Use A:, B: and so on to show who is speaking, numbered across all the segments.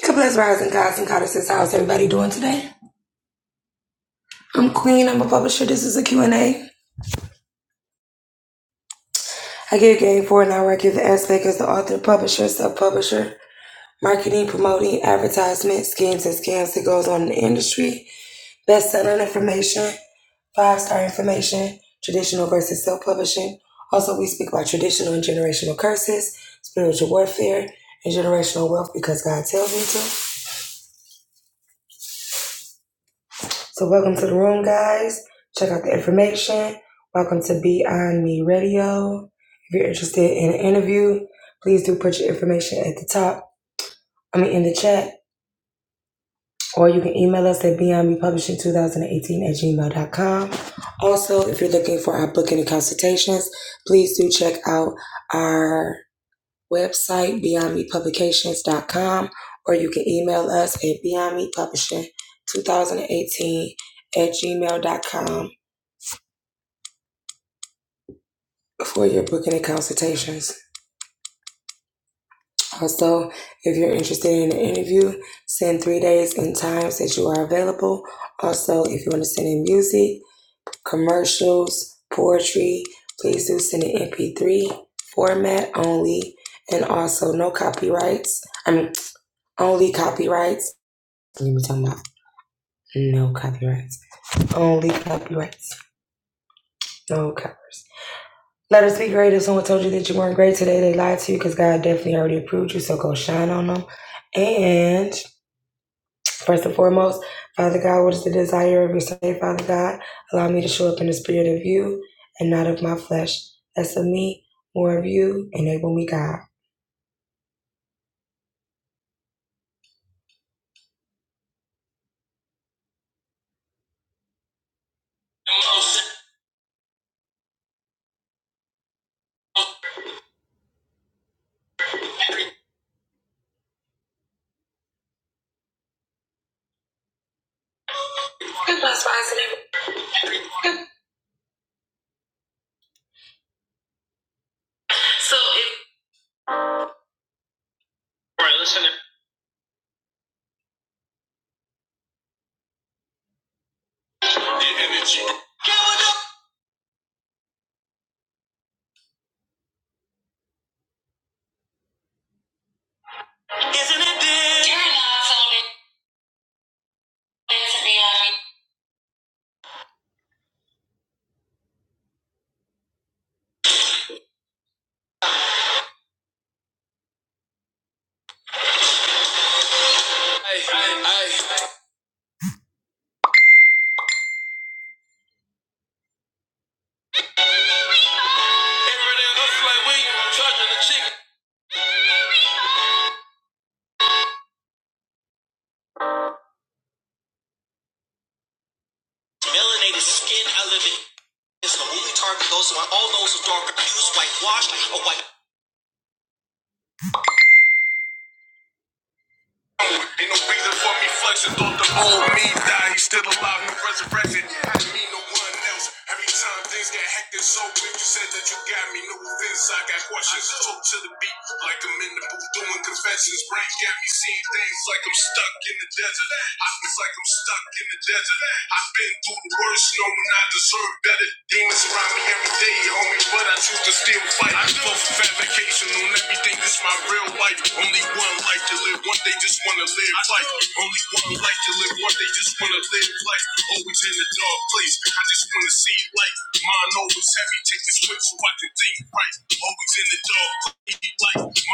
A: So Bless Rising Gods and Goddesses. How's everybody doing today? I'm Queen. I'm a publisher. This is a Q and A. I give game for an hour. I give the aspect as the author, publisher, sub-publisher, marketing, promoting, advertisement, schemes and scams that goes on in the industry, best-selling information, five-star information, traditional versus self-publishing. Also, we speak about traditional and generational curses, spiritual warfare, and generational wealth because God tells me to. So, welcome to the room, guys. Check out the information. Welcome to Beyond Me Radio. If you're interested in an interview, please do put your information at the top, I mean, in the chat, or you can email us at beyondmepublishing2018 at gmail.com. Also, if you're looking for our booking and consultations, please do check out our website, beyondmepublications.com, or you can email us at beyondmepublishing2018 at gmail.com for your booking and consultations. Also, if you're interested in an interview, send three days and times that you are available. Also, if you want to send in music, commercials, poetry, please do send in MP3 format only, and also no copyrights. I mean, only copyrights. Let me talking about no copyrights. Only copyrights. No covers. Let us be great. If someone told you that you weren't great today, they lied to you because God definitely already approved you. So go shine on them. And first and foremost, Father God, what is the desire of your soul? Father God, allow me to show up in the spirit of you and not of my flesh. Less of me, more of you. Enable me, God. Good boss, boss, Right, listen. Isn't it Hey, hey, hey. like Melanated skin, I live in It's a movie target goes to all those who darker hues, whitewashed, or white. Ain't no reason for me flexing, thought the old me died, he's still alive, no resurrection. I didn't mean no one else. Every time things get hectic, so quick, you said that you got me, no offense, I got questions. Talk to the beat, like I'm in the booth doing confessions. Brain got me seeing things like I'm stuck in the desert. I feel like I'm stuck in the desert. I've been through the worst, knowing I deserve Better demons surround me every day, homie, but I choose to still fight. I know fabrication on everything, this my real life. Only one life to live, one day just wanna live life. Only one life to live, one day just wanna live life. Always in the dark place, I just wanna see light. Mind always heavy, take this whip so I can think right. Always in the dark place, life.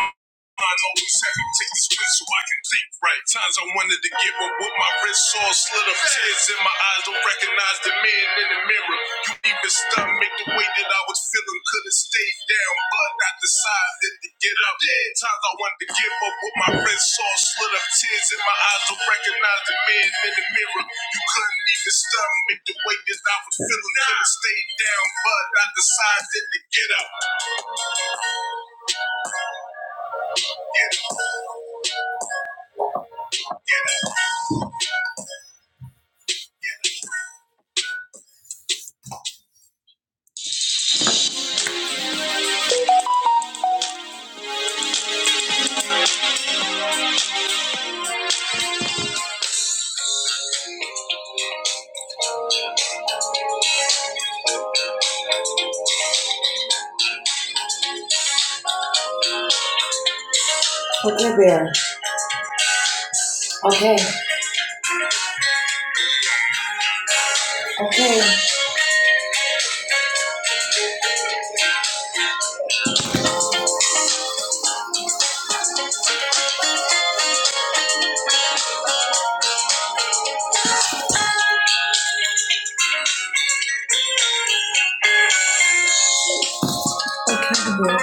A: Mind open second, take this pill so I can think right. Times I wanted to give up with my wrist all slit up. Tears in my eyes, don't recognize the man in the mirror. You even stunned make the way that I was feeling. Could've stayed down, but I decided to get up. Times I wanted to give up with my wrist all slit up. Tears in my eyes, don't recognize the man in the mirror. You couldn't even stunned make the way that I was feeling. Could've stayed down, but I decided to get up. Get up. Okay, Bear. Okay, okay. accountable.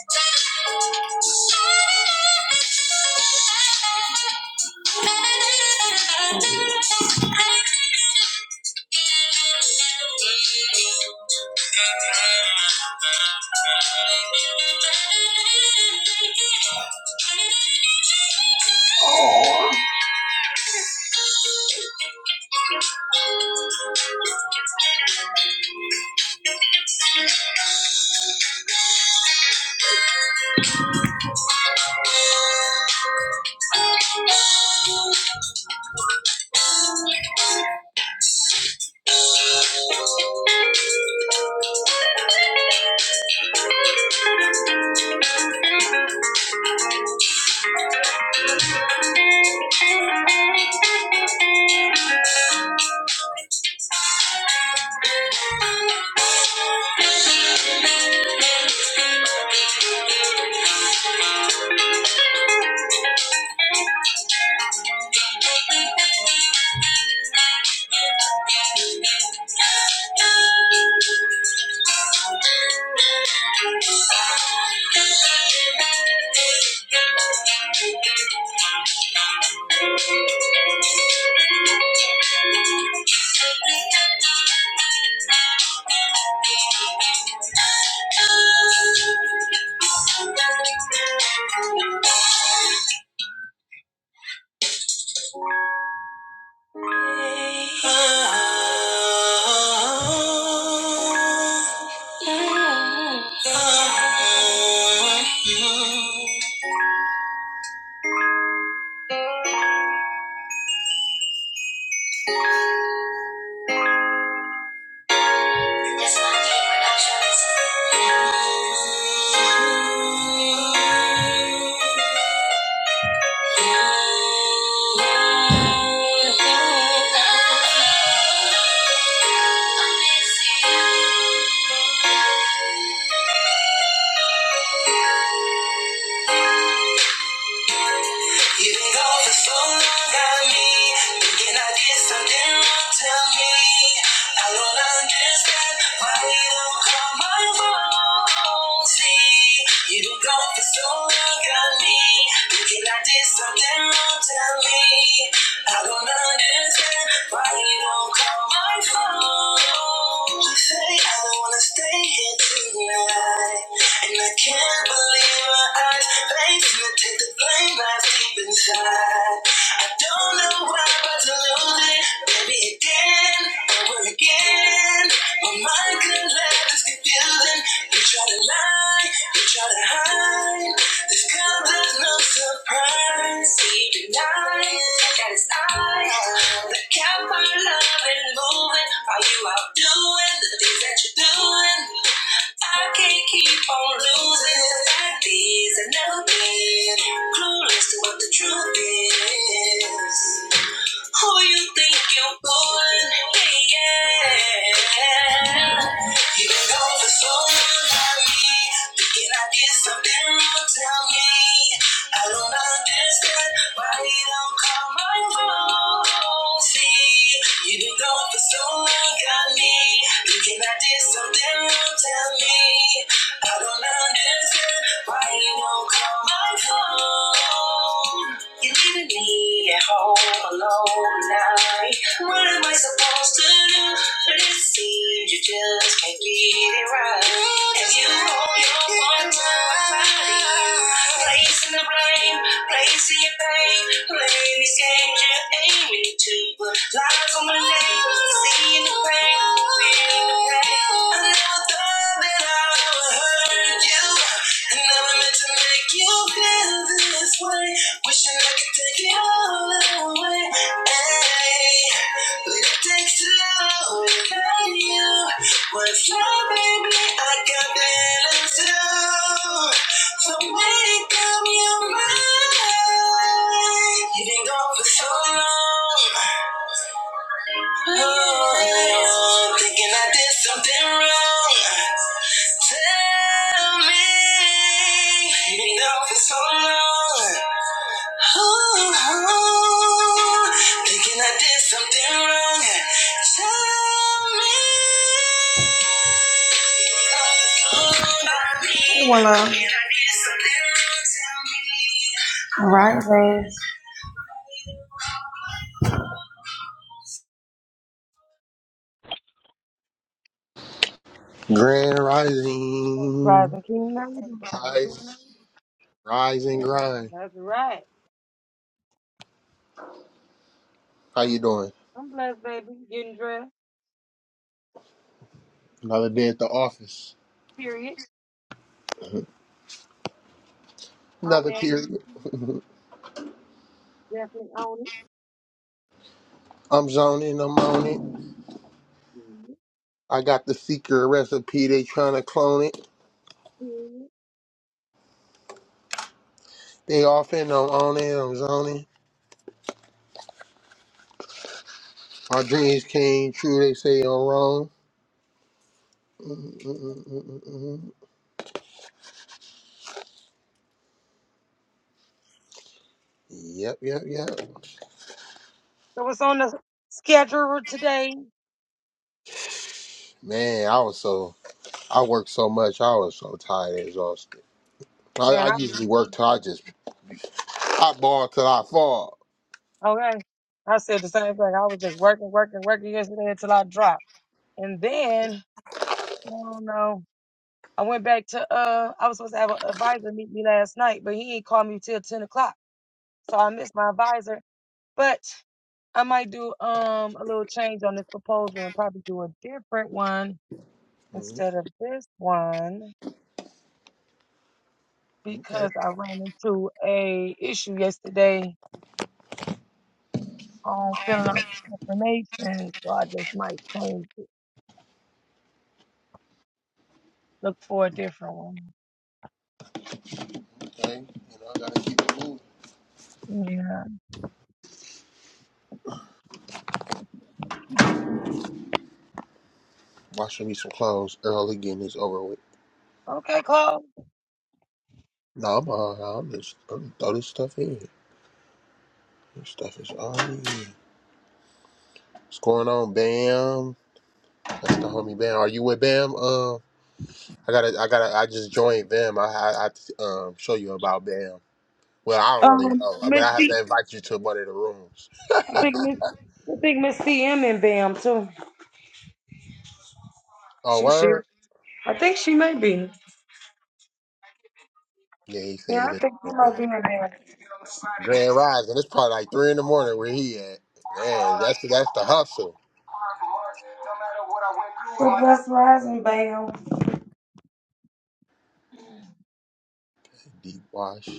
A: Thank you. Thank you. Productions. You've been gone for so long, got me thinking I did something wrong. Tell me, I don't understand why you don't call my phone. See, you've been gone for so long, got me thinking I did something wrong. Tell me, I don't understand why you don't call my phone. Say I don't wanna stay here tonight. And I can't believe my eyes. Blames me, take the blame lies deep inside. I don't know why, but to lose it, baby, again, over again. My mind couldn't let this confusing. You try to lie, you try to hide. This comes as no surprise. He denies that it's I that kept our love and moving. Are you out doing the things that you're doing? I can't keep on losing like these. I've never been clueless to what the truth is. Who you think you're fooling? Yeah. yeah. You can go for someone like me. Thinking I did something wrong, tell me. I don't understand why you don't call my phone. See, you can go for someone got me. Thinking I did something wrong, tell me. I don't understand why you don't call my phone. You're leaving me at home alone tonight. What am I supposed to do? But it seems you just can't get it right. And you hold your one body, placing the blame, placing your pain, playing these games you're aiming to. put lies on my name, seeing the pain, feeling the pain. I never thought that I would hurt you. I never meant to make you feel this way. Wishing I could take it all away. ay, But it takes love without you. Once love, baby, I got feelings too. So make up your mind. You've been gone for so long. Oh, thinking I did something wrong. Tell me, you've been gone for so long. Oh, ooh, thinking I did something wrong. Tell me. Voila. All right, Rose.
B: Grand Rising, rise, rise and grind. How you doing? Another day at the office. Another period. I'm zoning. I'm on it. I got the secret recipe. They trying to clone it. They off it. I'm on it. I'm zoning. My dreams came true. They say I'm wrong. Mm, mm, mm, mm, mm. mm. Yep, yep, yep. Man, I was so I worked so much. I was so tired, and exhausted. I, I usually work till I just I ball till I fall. Okay. Okay. You know, I gotta keep it moving. Washing me some clothes early, getting this over with. Nah, I'm all right. I'm just I'm throw this stuff in. This stuff is already in. What's going on, Bam? That's the homie Bam. Are you with Bam? Um, I gotta, I gotta, I just joined Bam. I, I, I have to, um, show you about Bam. Well, I don't really know, but I have to invite you to one of the rooms. Oh, word? Yeah, he said you listening. Grand Rising. It's probably like three in the morning where he at. Man, that's the, that's the hustle. Deep wash.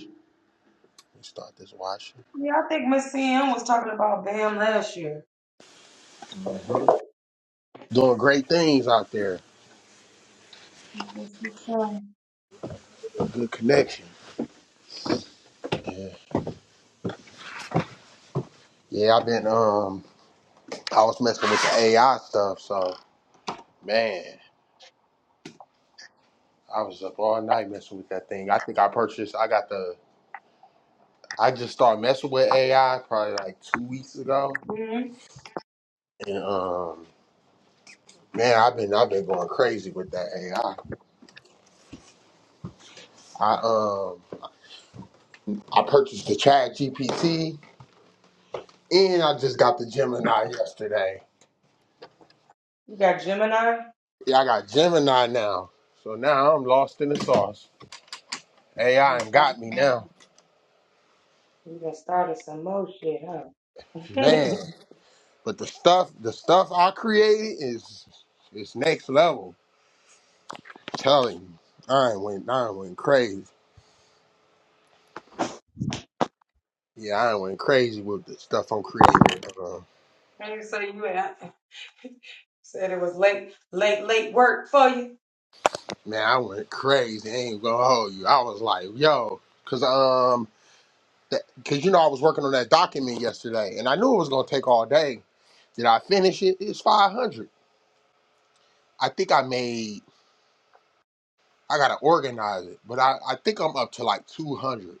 B: and start this washing.
A: Yeah, I think Miss CM was talking about Bam last year.
B: hmm Doing great things out there. Good connection. Yeah. Yeah, I've been um I was messing with the AI stuff, so man, I was up all night messing with that thing. I think I purchased I got the I just started messing with AI probably like two weeks ago.
A: mm hmm
B: And um man, I've been I've been going crazy with that AI. I I um I purchased the Chat GPT and I just got the Gemini yesterday.
A: You got Gemini.
B: Yeah, I got Gemini now. So now I'm lost in the sauce.
A: You
B: AI and
A: got
B: got me
A: Falcon.
B: now,
A: You done started some more shit, huh?
B: man. But the stuff, the stuff I created is is next level. I'm telling you, I ain't went, I ain't went crazy. Yeah, I ain't went crazy with the stuff I'm creating with. Uh,
A: Like, late.
B: man, I went crazy. I ain't gonna hold you. I was like, yo, cause um, that, cause you know I was working on that document yesterday, and I knew it was gonna take all day. Did I finish it? It's five hundred. I think I made. I gotta organize it, but I, I think I'm up to like 200.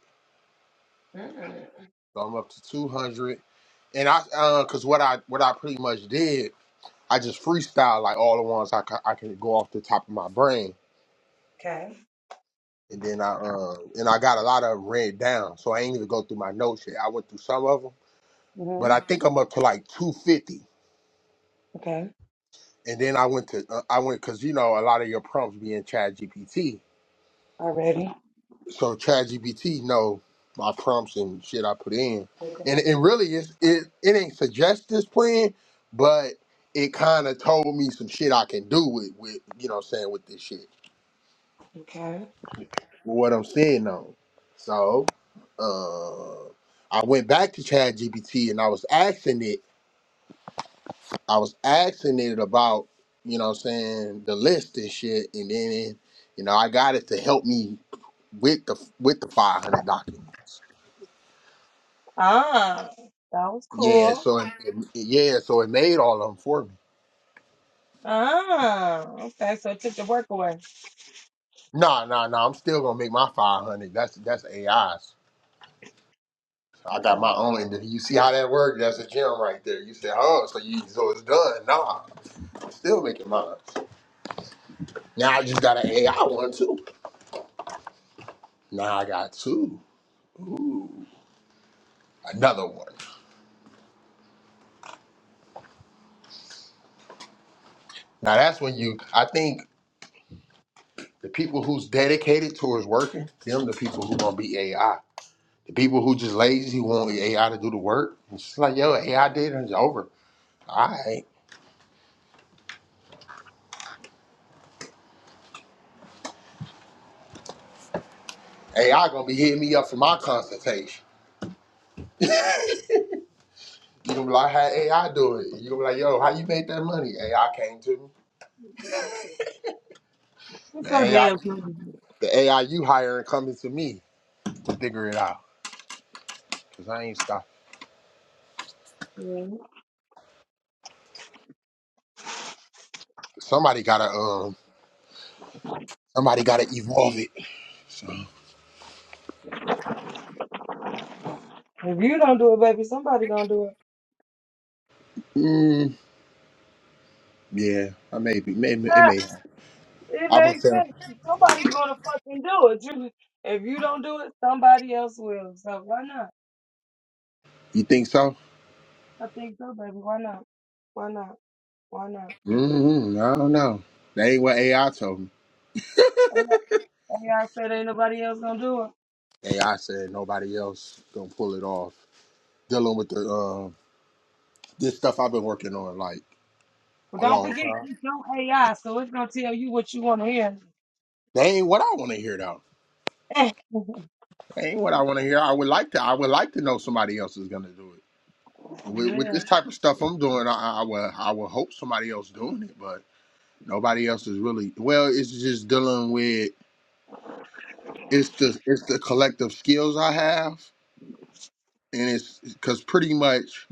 A: Mm,
B: So I'm up to 200. And I, uh, cause what I, what I pretty much did, I just freestyle like all the ones I, ca- I can go off the top of my brain.
A: Okay.
B: And then I, uh, and I got a lot of them read down. So I ain't even go through my notes yet. I went through some of them, but
A: hmm
B: I think I'm up to like 250.
A: Okay.
B: And then I went to, uh, I went, cause you know, a lot of your prompts be in Chat GPT.
A: Already.
B: so ChatGPT know my prompts and shit I put in, and and really it's, it it ain't suggest this plan, but it kind of told me some shit I can do with with you know what I'm saying with this shit,
A: Okay.
B: with what I'm saying on. So, uh, I went back to ChatGPT and I was asking it, I was asking it about you know what I'm saying the list and shit, and then you know I got it to help me with the with the 500 documents. Yeah, so it, it- yeah, so it made all of them for me. No, no, no. I'm still gonna make my five hundred. That's that's AIs. I got my own. And you see how that worked? That's a gem right there. You say, oh, so you so it's done. Nah, I'm still making mine. Now I just got an AI one too. Now I got two. Ooh, another one. Now that's when you. I think the people who's dedicated towards working, them the people who gonna be AI. The people who just lazy who want AI to do the work. It's just like yo, AI did it. It's over. Alright. AI gonna be hitting me up for my consultation. You gonna be like, how AI do it? You gonna be like, yo, how you make that money? AI came to me. The AI the AI you hiring coming to me to figure it out. Cause I ain't stop. Somebody gotta um somebody gotta evolve it. So mm, yeah, I may be maybe it may I gonna tell you think so? Mm-hmm, I don't know. That ain't what AI told me. AI said nobody else gonna pull it off. Dealing with the um this stuff I've been working on, like a long time. That ain't what I want to hear though. That ain't what I want to hear. I would like to. I would like to know somebody else is gonna do it. And with, with this type of stuff I'm doing, I, I will. I will hope somebody else doing it, but nobody else is really. Well, it's just dealing with. It's the it's the collective skills I have, and it's because pretty much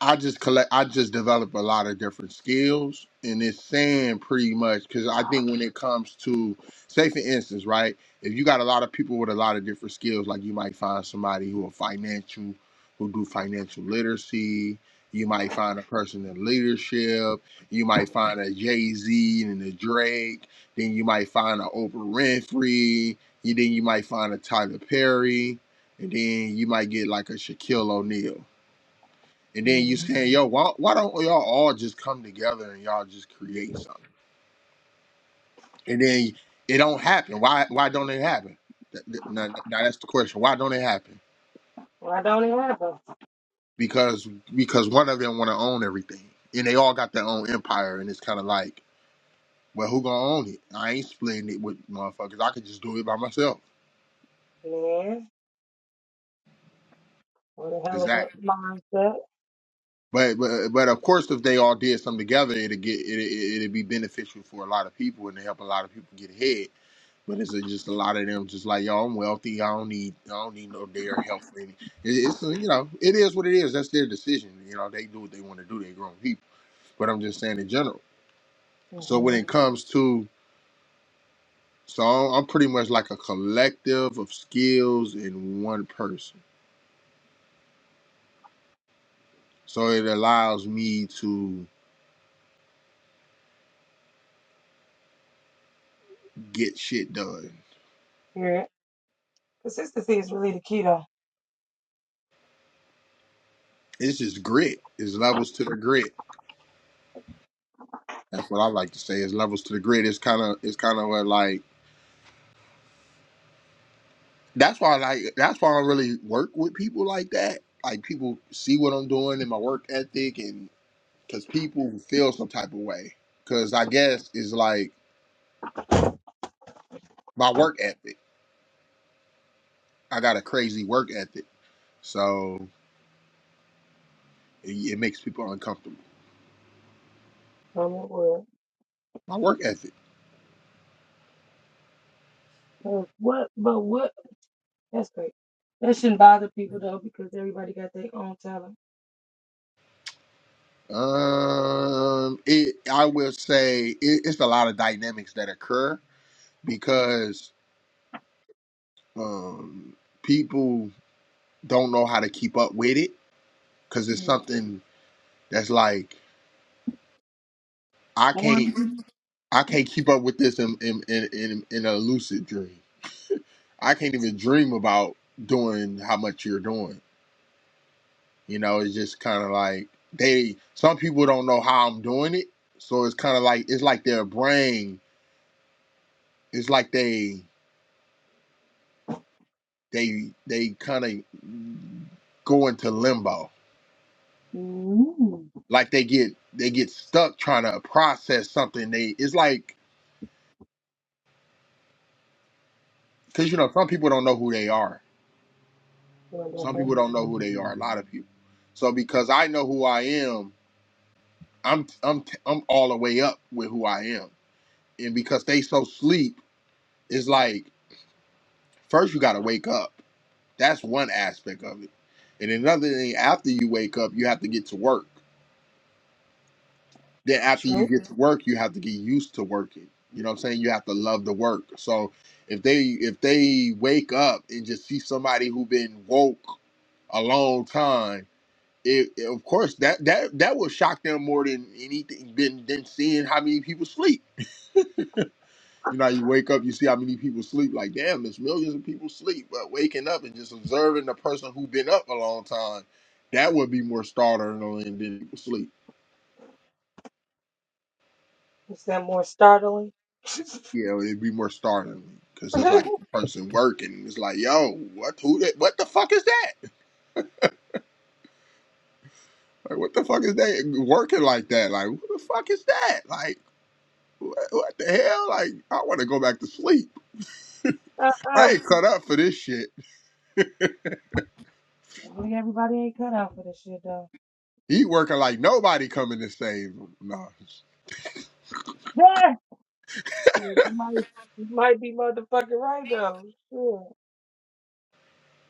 B: I just collect. I just develop a lot of different skills, and it's saying pretty much because I think when it comes to, say for instance, right, if you got a lot of people with a lot of different skills, like you might find somebody who are financial, who do financial literacy. You might find a person in leadership. You might find a Jay Z and a Drake. Then you might find a Oprah Winfrey. You then you might find a Tyler Perry, and then you might get like a Shaquille O'Neal and then you saying, yo, why, why don't y'all all just come together and y'all just create something? And then it don't happen. Why why don't it happen? Th- th- Now, now that's the question. Why don't it happen? Because because one of them want to own everything, and they all got their own empire, and it's kind of like, well, who gonna own it? I ain't splitting it with motherfuckers. I could just do it by myself. Exactly. But, but but of course, if they all did something together, it'd get it it- it'd be beneficial for a lot of people and to help a lot of people get ahead. But it's just a lot of them, just like y'all. I'm wealthy. I don't need I don't need no their help. For any. It, it's uh, you know it is what it is. That's their decision. You know they do what they want to do. They grown people. But I'm just saying in general. So when it comes to so I'm I'm pretty much like a collective of skills in one person. So it allows me to get shit done It's just grit. It's levels to the grit. That's what I like to say. Is levels to the grit. It's kind of it's kind of like that's why I like that's why I really work with people like that. Like people see what I'm doing and my work ethic, and because people feel some type of way. Because I guess it's like my work ethic. I got a crazy work ethic, so it, it makes people uncomfortable. My work ethic. Um, it I will say it, it's a lot of dynamics that occur because Um, people don't know how to keep up with it because it's something that's like I can't I can't keep up with this in in, in in in a lucid dream. I can't even dream about doing how much you're doing. You know, it's just kind of like they. Some people don't know how I'm doing it, so it's kind of like it's like their brain. It's like they they they kind of go into limbo like they get they get stuck trying to process something they it's like because you know some people don't know who they are some people don't know who they are a lot of people so because i know who i am i'm i'm i'm all the way up with who i am and because they so sleep it's like first you got to wake up that's one aspect of it and another thing after you wake up you have to get to work then after you get to work, you have to get used to working. You know what I'm saying? You have to love the work. So if they if they wake up and just see somebody who been woke a long time, it, it- of course that that that will shock them more than anything than than seeing how many people sleep. You know, you wake up, you see how many people sleep. Like, damn, there's millions of people sleep. But waking up and just observing the person who been up a long time, that would be more startling than people sleep. Yeah, it'd be more startling because it's like a person working. It's like, yo, what who that? What the fuck is that? Like, what the fuck is that working like that? Like, who the fuck is that? Like, what, what the hell? Like, I want to go back to sleep. I ain't cut up for this shit. He working like nobody coming to save him. No, it's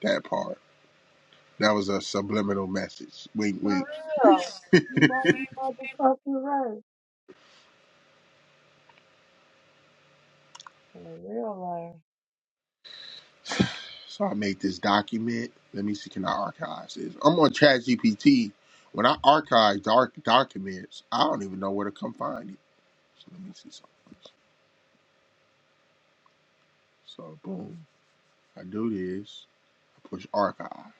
B: that part. That was a subliminal message. Wink, wink. So I made this document. Let me see, can I archive this? I'm on ChatGPT. When I archive dark documents, I don't even know where to come find it. So let me see something. first. So boom, I do this. I push archive.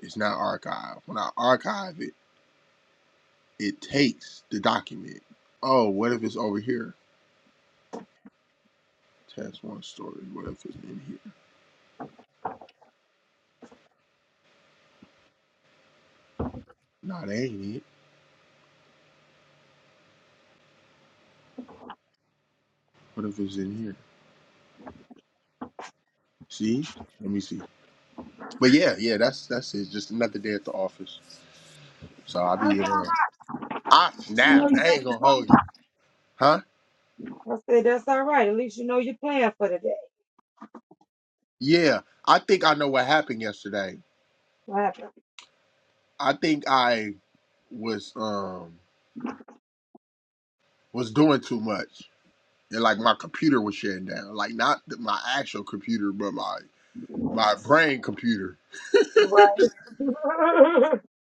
B: It's not archived. When I archive it, it takes the document. Oh, what if it's over here? Test one story. What if it's in here? Nah, that ain't it. What if it's in here? See? Let me see. But yeah, yeah, that's that's it. Just another day at the office. So I'll be. Uh, I snapped. I ain't gonna hold you, huh? Yeah, I think I know what happened yesterday. I think I was. um was doing too much, and like my computer was shutting down. Like not th- my actual computer, but my my brain computer.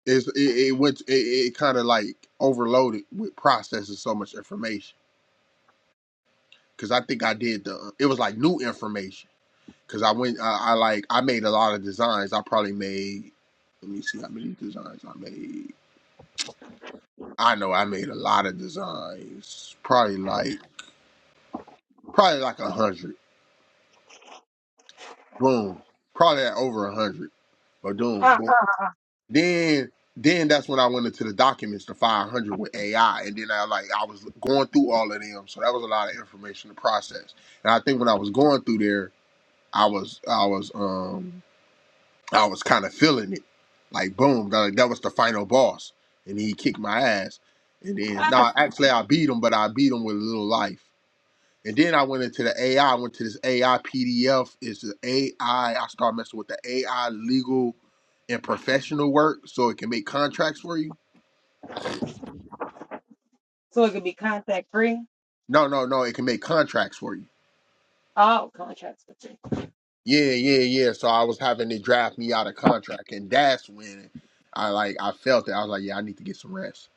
B: Is it, it went it, it kind of like overloaded with processing so much information because I think I did the uh, it was like new information because I went I, I like I made a lot of designs. I probably made let me see how many designs I made. I know I made a lot of designs, probably like probably like a hundred. Boom, probably at over a hundred. But boom, boom. Then then that's when I went into the documents, the 500 with AI, and then I like I was going through all of them, so that was a lot of information to process. And I think when I was going through there, I was I was um I was kind of feeling it, like boom, that, like, that was the final boss, and he kicked my ass. And then no, actually I beat him, but I beat him with a little life. And then I went into the AI. I I went to this AI PDF. It's the AI. I I started messing with the AI legal and professional work so it can make contracts for you. No, no, no. It can make contracts for you. Yeah, yeah, yeah. So I was having to draft me out a contract. And that's when I like I felt it. I was like, yeah, I need to get some rest.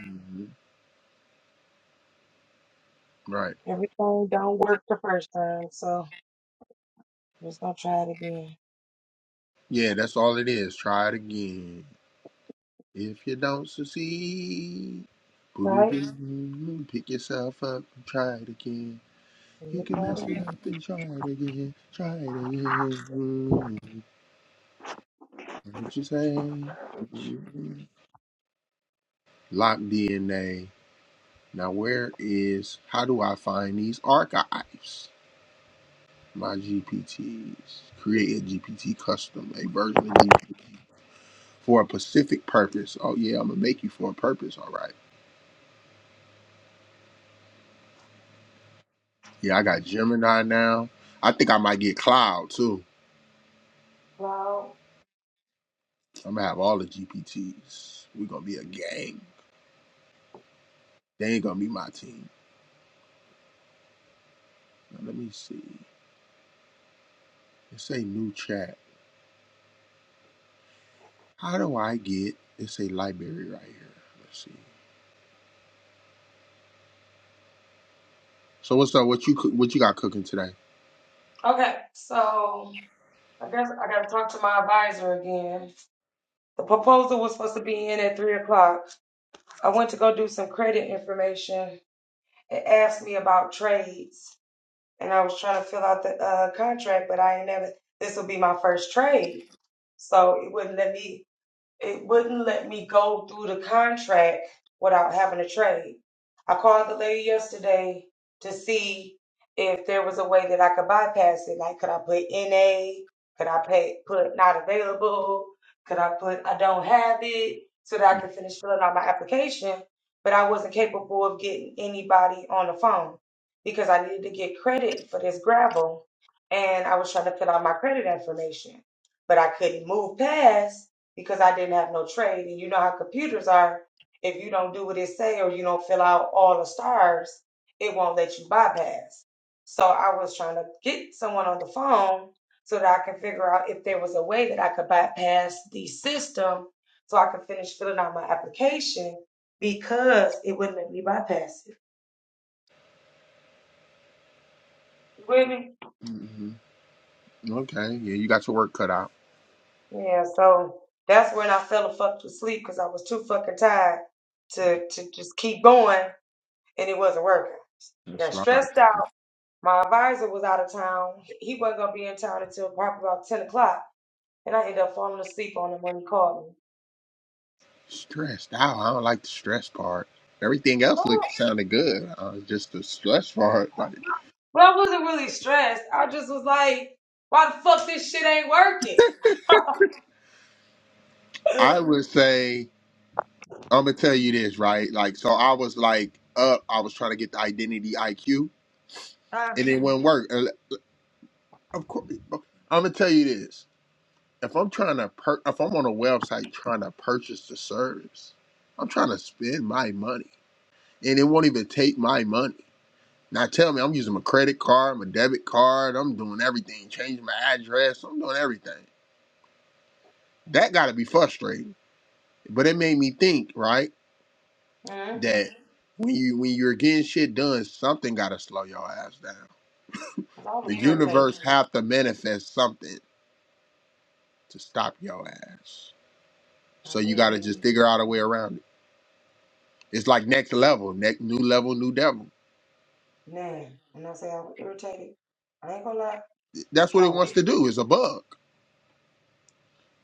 B: Mhm. Right. Yeah, that's all it is. Try it again. If you don't succeed, boo-doo-doo-doo, pick yourself up and try it again. You can mess it up and try it again. Try it again. Mm, What you say? Mm. Lock DNA. Now, where is, how do I find these archives? My GPTs. Create a GPT custom, a version of GPT for a specific purpose. Oh, yeah, I'm going to make you for a purpose. All right. Yeah, I got Gemini now. I think I might get Cloud too. I'm going to have all the GPTs. We're going to be a gang. They ain't going to be my team. Now, let me see. It's a new chat. How do I get? It's a library right here. Let's see. So what's up? What you what you got cooking today? hmm Okay. Yeah, you got your work cut out. That's what I like. to hear. Stressed out. I don't like the stress part. Everything else looked sounded good. Uh, just the stress part. Like I would say, I'm gonna tell you this right. Like so, I was like up. I was trying to get the identity IQ, and it wouldn't work. And Of course, I'm gonna tell you this. if I'm trying to per- if I'm on a website trying to purchase the service, I'm trying to spend my money, and it won't even take my money. Now tell me, I'm using my credit card, my debit card, I'm doing everything, changing my address, I'm doing everything. That got to be frustrating. But it made me think, right, that when you when you're getting shit done, something got to slow your ass down.
A: I was
B: The
A: irritated.
B: universe have to manifest something to stop your ass.
A: I
B: So you got to
A: definitely
B: just figure out a way around it. It's like next level, next new level, new devil.
A: nah. When I say I was irritated, I ain't gonna lie.
B: That's what it
A: Oh,
B: wants to do. Is a bug.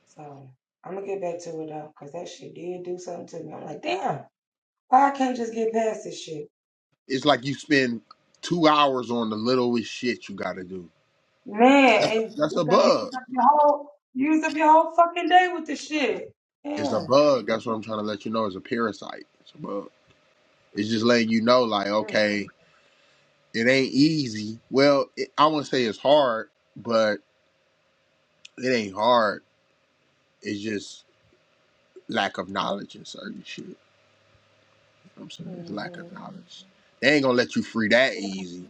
A: So I'm gonna get back to it though, cause that shit did do something to me. I'm like, damn, why I can't just get past this shit,
B: It's like you spend two hours on the littlest shit you got to do.
A: man?
B: That's
A: And
B: that's
A: you
B: a
A: gonna use
B: bug.
A: up your whole, use up your whole fucking day with this shit.
B: It's a
A: Yeah.
B: bug. That's what I'm trying to let you know. It's a parasite. It's a bug. It's just letting you know, like, okay, it ain't easy. Well, it, I wouldn't say it's hard, but it ain't hard. It's just lack of knowledge and certain shit. You know what I'm saying it's lack of knowledge. They ain't gonna let you free that easy.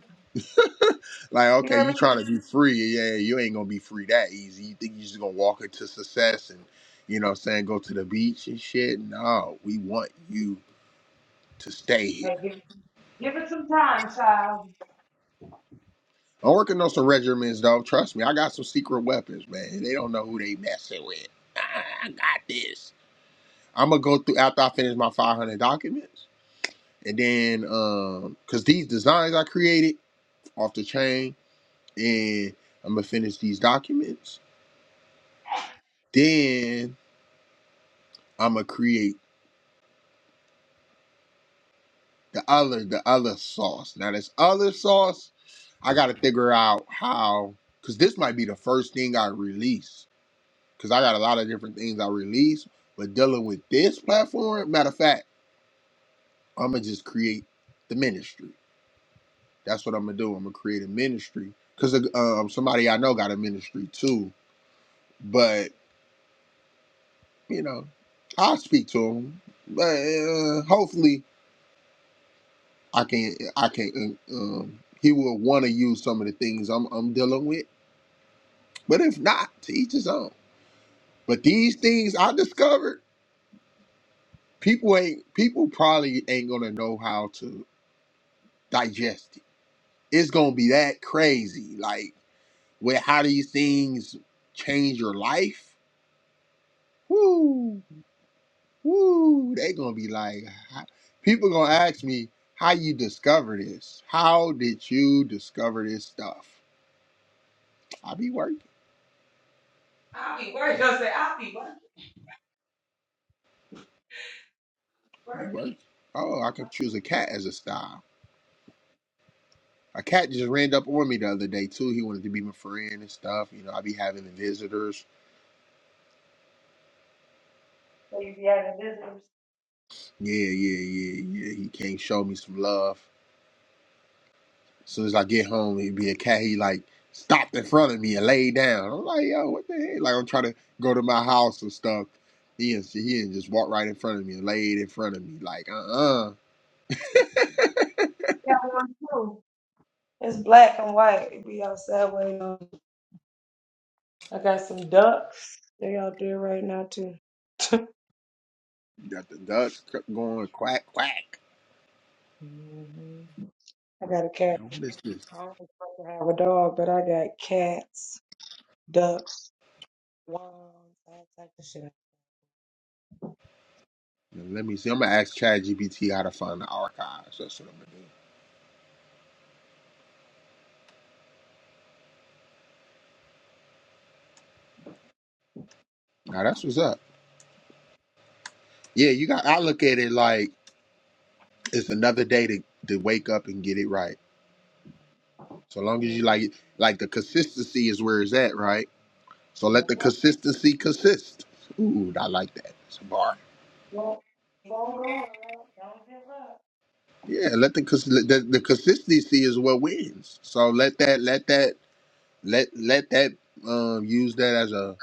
B: Like, okay, you trying to be free. Yeah, you ain't gonna be free that easy. You think you just gonna walk into success and you know what I'm saying, go to the beach and shit. No, we want you to stay here. I'm working on some regimens though. Trust me, I got some secret weapons, man. They don't know who they messing with. I, I got this. I'm gonna go through after I finish my 500 documents, and then um, cause these designs I created off the chain, and I'm gonna finish these documents. Then I'm gonna create the other the other sauce. Now this other sauce, I gotta figure out how because this might be the first thing I release. Cause I got a lot of different things I release, but dealing with this platform, matter of fact, I'ma just create the ministry. That's what I'm gonna do. I'm gonna create a ministry. Cause um, somebody I know got a ministry too. But, you know, I'll speak to him. But uh, hopefully I can I can uh, um he will want to use some of the things I'm I'm dealing with But if not, to each his own. But these things I discovered, people ain't people probably ain't gonna know how to digest it. It's gonna be that crazy, like with how these things change your life. Woo, woo, they gonna be like, "How-" people gonna ask me how you discover this. How did you discover this stuff? I be working, be working. Oh, I can choose a cat as a style. A cat just ran up on me the other day too. He wanted to be my friend and stuff. You know, I be having the visitors. Yeah, yeah, yeah, yeah. He can't show me some love. As soon as I get home, he'd be a cat. He like stopped in front of me and laid down. I'm like, yo, what the heck? Like I'm trying to go to my house and stuff. He and he didn't just walked right in front of me and laid in front of me. Like, uh, uh got the ducks going quack quack. Now what is this? Now, let me see. I'm gonna ask ChatGPT how to find the archives. That's what I'm gonna do. Now that's what's up. Yeah, you got. I look at it like it's another day to to wake up and get it right. So long as you like, like the consistency is where it's at, right? So let the consistency consist. Ooh, I like that. It's a bar. Yeah, let the cons- the, the consistency is what wins. So let that let that let let that um use that as a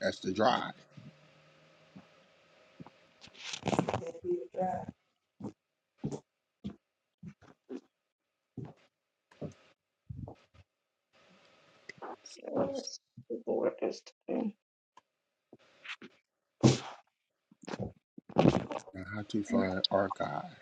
B: as the drive. Now, How to find archive?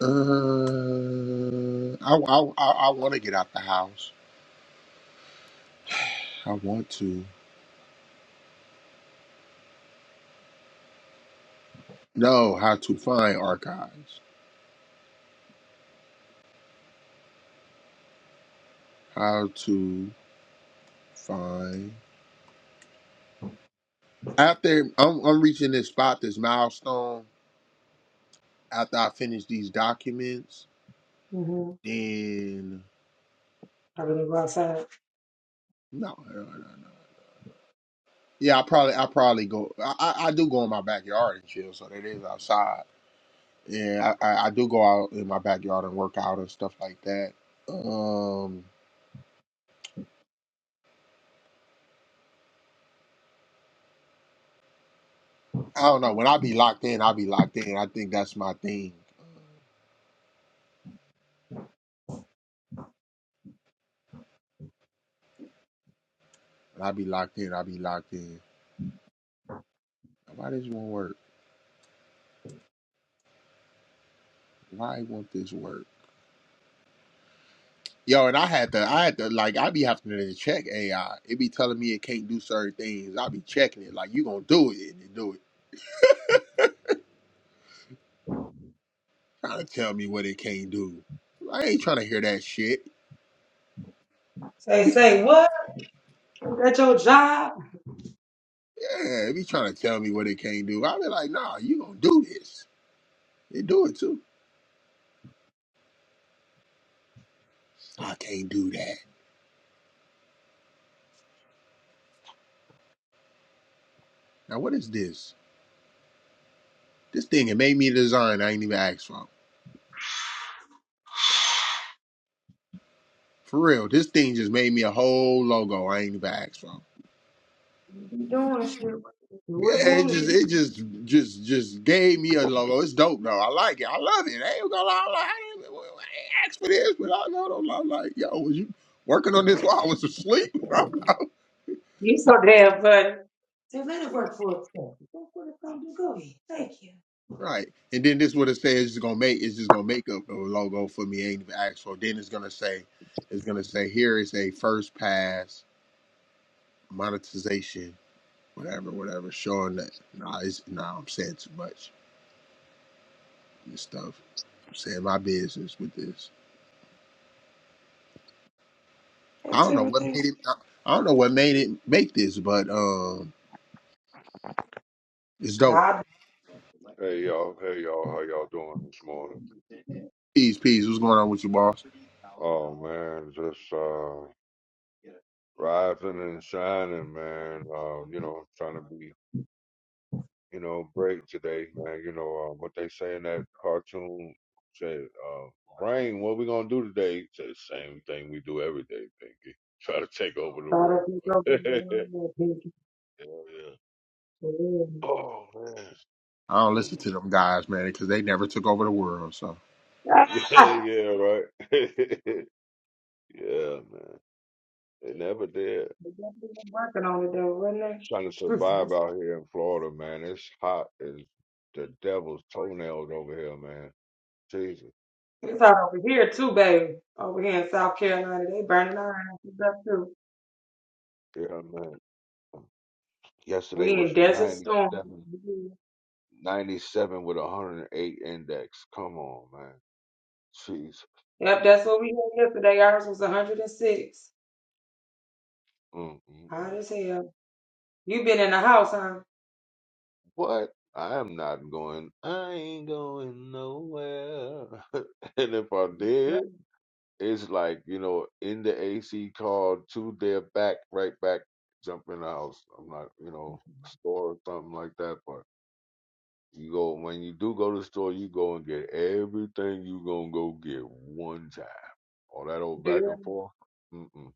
B: Uh, I I I, I want to get out the house. I want to. No, how to find archives. How to find. After I'm, I'm reaching this spot, this milestone, after I finish these documents, then. No, no, no, no. Yeah, I probably, I probably go. I, I, I do go in my backyard and chill, so that is outside. Yeah, I, I, I do go out in my backyard and work out and stuff like that. Um, I don't know. When I be locked in, I be locked in. I think that's my thing. When I be locked in, I be locked in. Why this won't work? Why won't this work? Yo, and I had to, I had to, like, I be having to check AI. It be telling me it can't do certain things. I be checking it, like, you gonna do it, and it do it. Trying to tell me what it can't do. I ain't trying to hear that shit. Yeah, it be trying to tell me what it can't do. I be like, nah, you gonna do this. It do it too. I can't do that. Now, what is this? This thing, it made me a design I ain't even asked for. For real, this thing just made me a whole logo I ain't even asked for. Yeah, it just it just just just gave me a logo. It's dope though. I like it. I love it. I ain't gonna lie. i like, I did well, I ain't asked for this, but I know them. I'm like, yo, was you working on this while I was asleep? right. And then this what it says it's gonna make it's just gonna make a, a logo for me. Ain't even asked for. Then it's gonna say it's gonna say here is a first pass monetization, whatever, whatever. Showing that nah, it's nah, I'm saying too much. This stuff. I'm saying my business with this. I don't know what made it. I, I don't know what made it make this, but um, it's dope.
C: Hey y'all, hey y'all, how y'all doing this morning?
B: Peace, peace. What's going on with you, boss?
C: Oh man, just uh rising and shining, man. Um, you know, trying to be, you know, great today, man. You know, um, what they say in that cartoon said, uh, brain, what we gonna do today? It Said same thing we do every day, Pinky. Try to take over the world. yeah, yeah. Oh man.
B: I don't listen to them guys, man, because they never took over the world. So
C: Yeah, yeah, right. yeah, man. They never did. trying to survive out here in Florida, man. It's hot as the devil's toenails over here, man. Jesus. Yeah, man. Yesterday was 97, 97 with a 108 index. Come on, man. Jeez. Mm, mm, mm. What? I am not going. I ain't going nowhere. and if I did, It's like, you know, in the AC card to their back, right back, jump in the house. I'm not, you know, store or something like that. But you go, when you do go to the store, you go and get everything you going to go get one time. All that old back and forth. Mm-mm.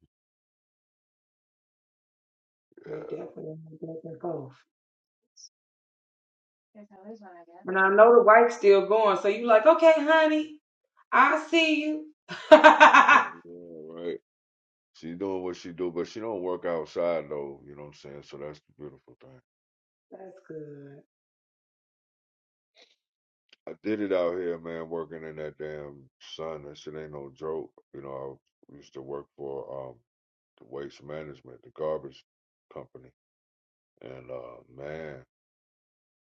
C: Yeah. yeah. Right. She doing what she do, but she don't work outside though. You know what I'm saying? So that's the beautiful thing. I did it out here, man, working in that damn sun. That shit ain't no joke. You know, I used to work for. um. the waste management, the garbage company. And uh man,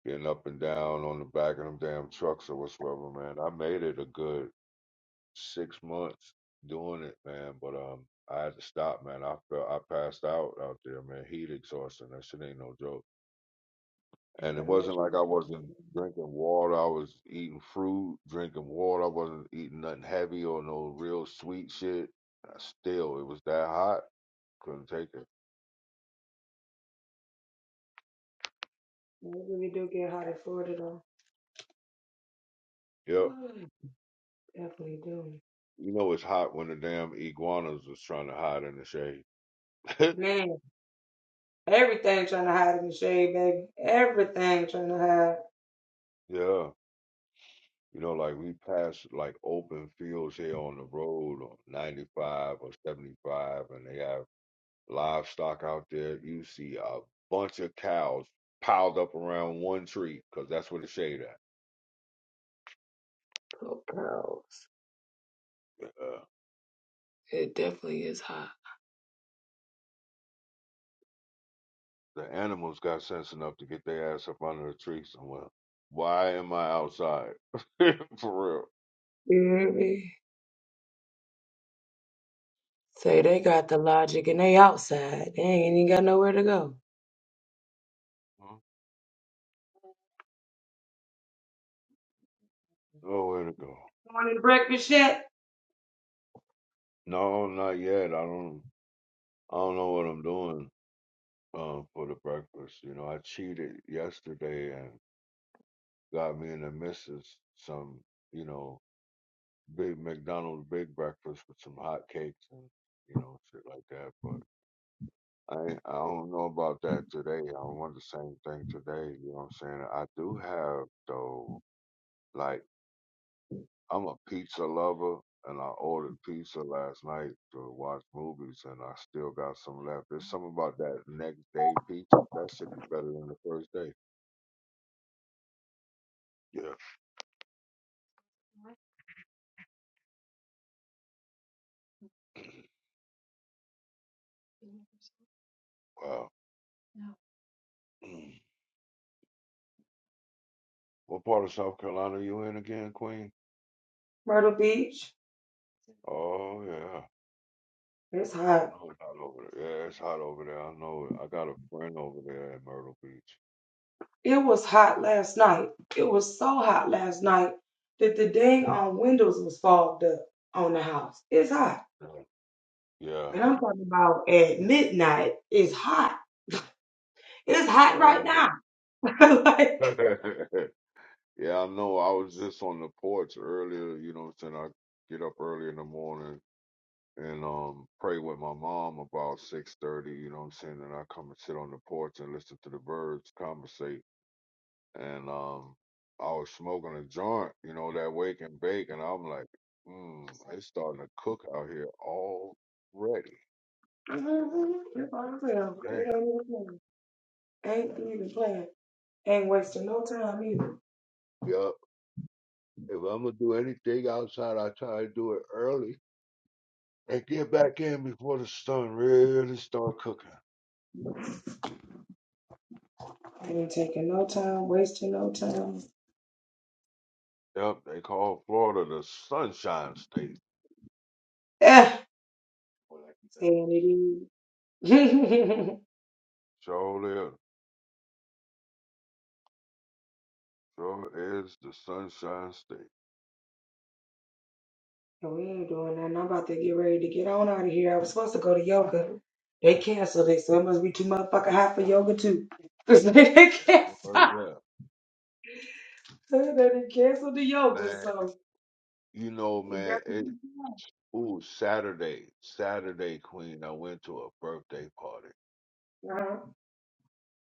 C: getting up and down on the back of them damn trucks or whatsoever, man. I made it a good six months doing it, man, but um I had to stop, man. I felt I passed out out there, man. Heat exhaustion. That shit ain't no joke. And it wasn't like I wasn't drinking water. I was eating fruit, drinking water. I wasn't eating nothing heavy or no real sweet shit. I still, it was that hot. Couldn't take it. Yep. You know it's hot when the damn iguanas is trying to hide in the shade. yeah. You know, like we pass like open fields here on the road on 95 or 75 and they have livestock out there. You see a bunch of cows piled up around one tree because that's where the shade at. Uh, the animals got sense enough to get their ass up under the tree somewhere. Why am I outside? For real. Huh? Nowhere to go. No, not yet. I don't. I don't know what I'm doing um, for the breakfast. You know, I cheated yesterday and got me and the missus some, you know, big McDonald's big breakfast with some hot cakes and you know shit like that. But I ain't- I don't know about that today. I don't want the same thing today. You know what I'm saying? I do have though, like. I'm a pizza lover, and I ordered pizza last night to watch movies, and I still got some left. There's something about that next day pizza. That shit is better than the first day. Yeah. Wow. Mm. what part of South Carolina are you in again, Queen? Oh yeah. I know it's hot over there. Yeah, it's hot over there. I know. it. I got a friend over there at Myrtle Beach. Yeah. Yeah. Yeah, I know. yeah, I know. I was just on the porch earlier. You know, what I'm saying I get up early in the morning and um pray with my mom about six thirty, you know what I'm saying, and I come and sit on the porch and listen to the birds conversate. And um I was smoking a joint, you know, that wake and bake and I'm like, mm, it's starting to cook out here already. Damn. Yup. If I'm gonna do anything outside, I try to do it early and get back in before the sun really start cooking. Yep, they call Florida the sunshine state. Sure So is the Sunshine State. Oh yeah, man. You know, man. It ooh Saturday, Saturday Queen. I went to a birthday party,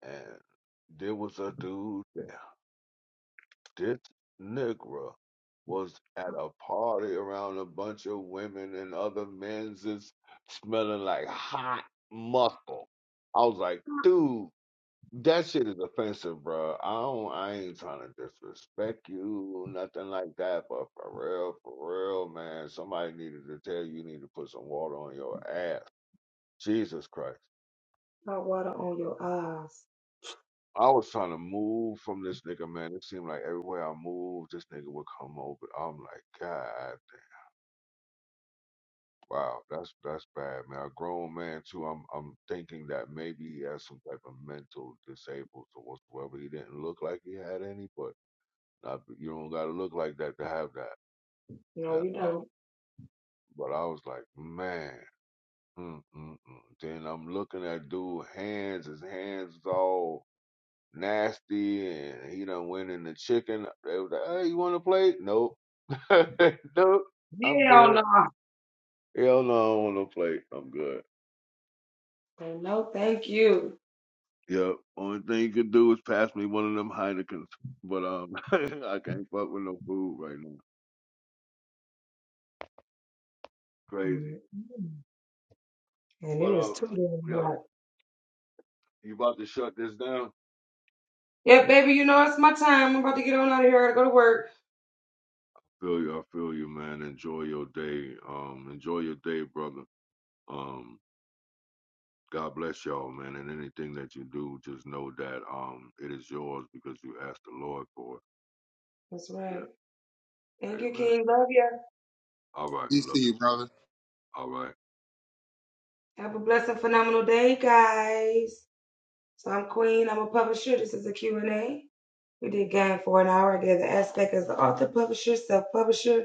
C: and there was a dude there. This nigga was at a party around a bunch of women and other men's is smelling like hot muscle. I was like, dude. That shit is offensive, bro. I don't. I ain't trying to disrespect you, nothing like that. But for real, for real, man, somebody needed to tell you you need to put some water on your ass. Jesus Christ. I was trying to move from this nigga, man. It seemed like everywhere I moved, this nigga would come over. I'm like, God, wow, that's that's bad, man. A grown man too. I'm I'm thinking that maybe he has some type of mental disabled or whatsoever. He didn't look like he had any, but. Uh, you don't got to look like that to have that. And uh, but I was like, man. Mm, mm, mm. Then I'm looking at dude hands. His hands is all nasty, and he done went in the chicken. They was like, hey, you want a plate? Nope. nope. I'm good. Hell no, I don't want a plate. I'm good. Yep. Only thing you could do is pass me one of them Heinekens. But um, I can't fuck with no food right now. Crazy. But um, yeah, you about to shut this down? Feel you, I feel you, man. Enjoy your day. Um, enjoy your day, brother. Um, God bless y'all, man. And anything that you do, just know that um, it is yours because you asked the Lord for it. Yeah, Amen. All right,
B: peace to
C: love you.
B: you, brother.
C: All right.
A: Phenomenal day, guys. So I'm Queen. I'm a publisher. This is a Q and a We did game for an hour. I gave the aspect as the author, publisher, self-publisher.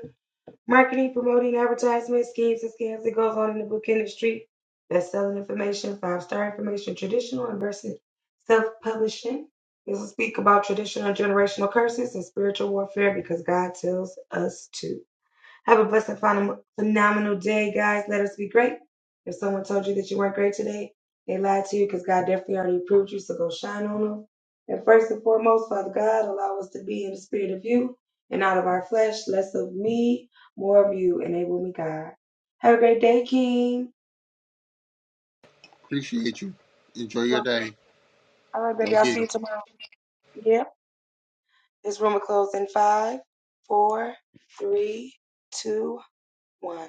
A: Marketing, promoting, advertisement, schemes, and scams that goes on in the book industry. Best-selling information, five-star information, traditional and versus self-publishing. This will speak about traditional and generational curses and spiritual warfare because God tells us to. Have a blessed, phenom- phenomenal day, guys. Let us be great. someone told you that you weren't great today, they lied to you because definitely already approved you. So on will.
B: Appreciate you. Enjoy your day. Go get 'em.
A: Three, Two, one.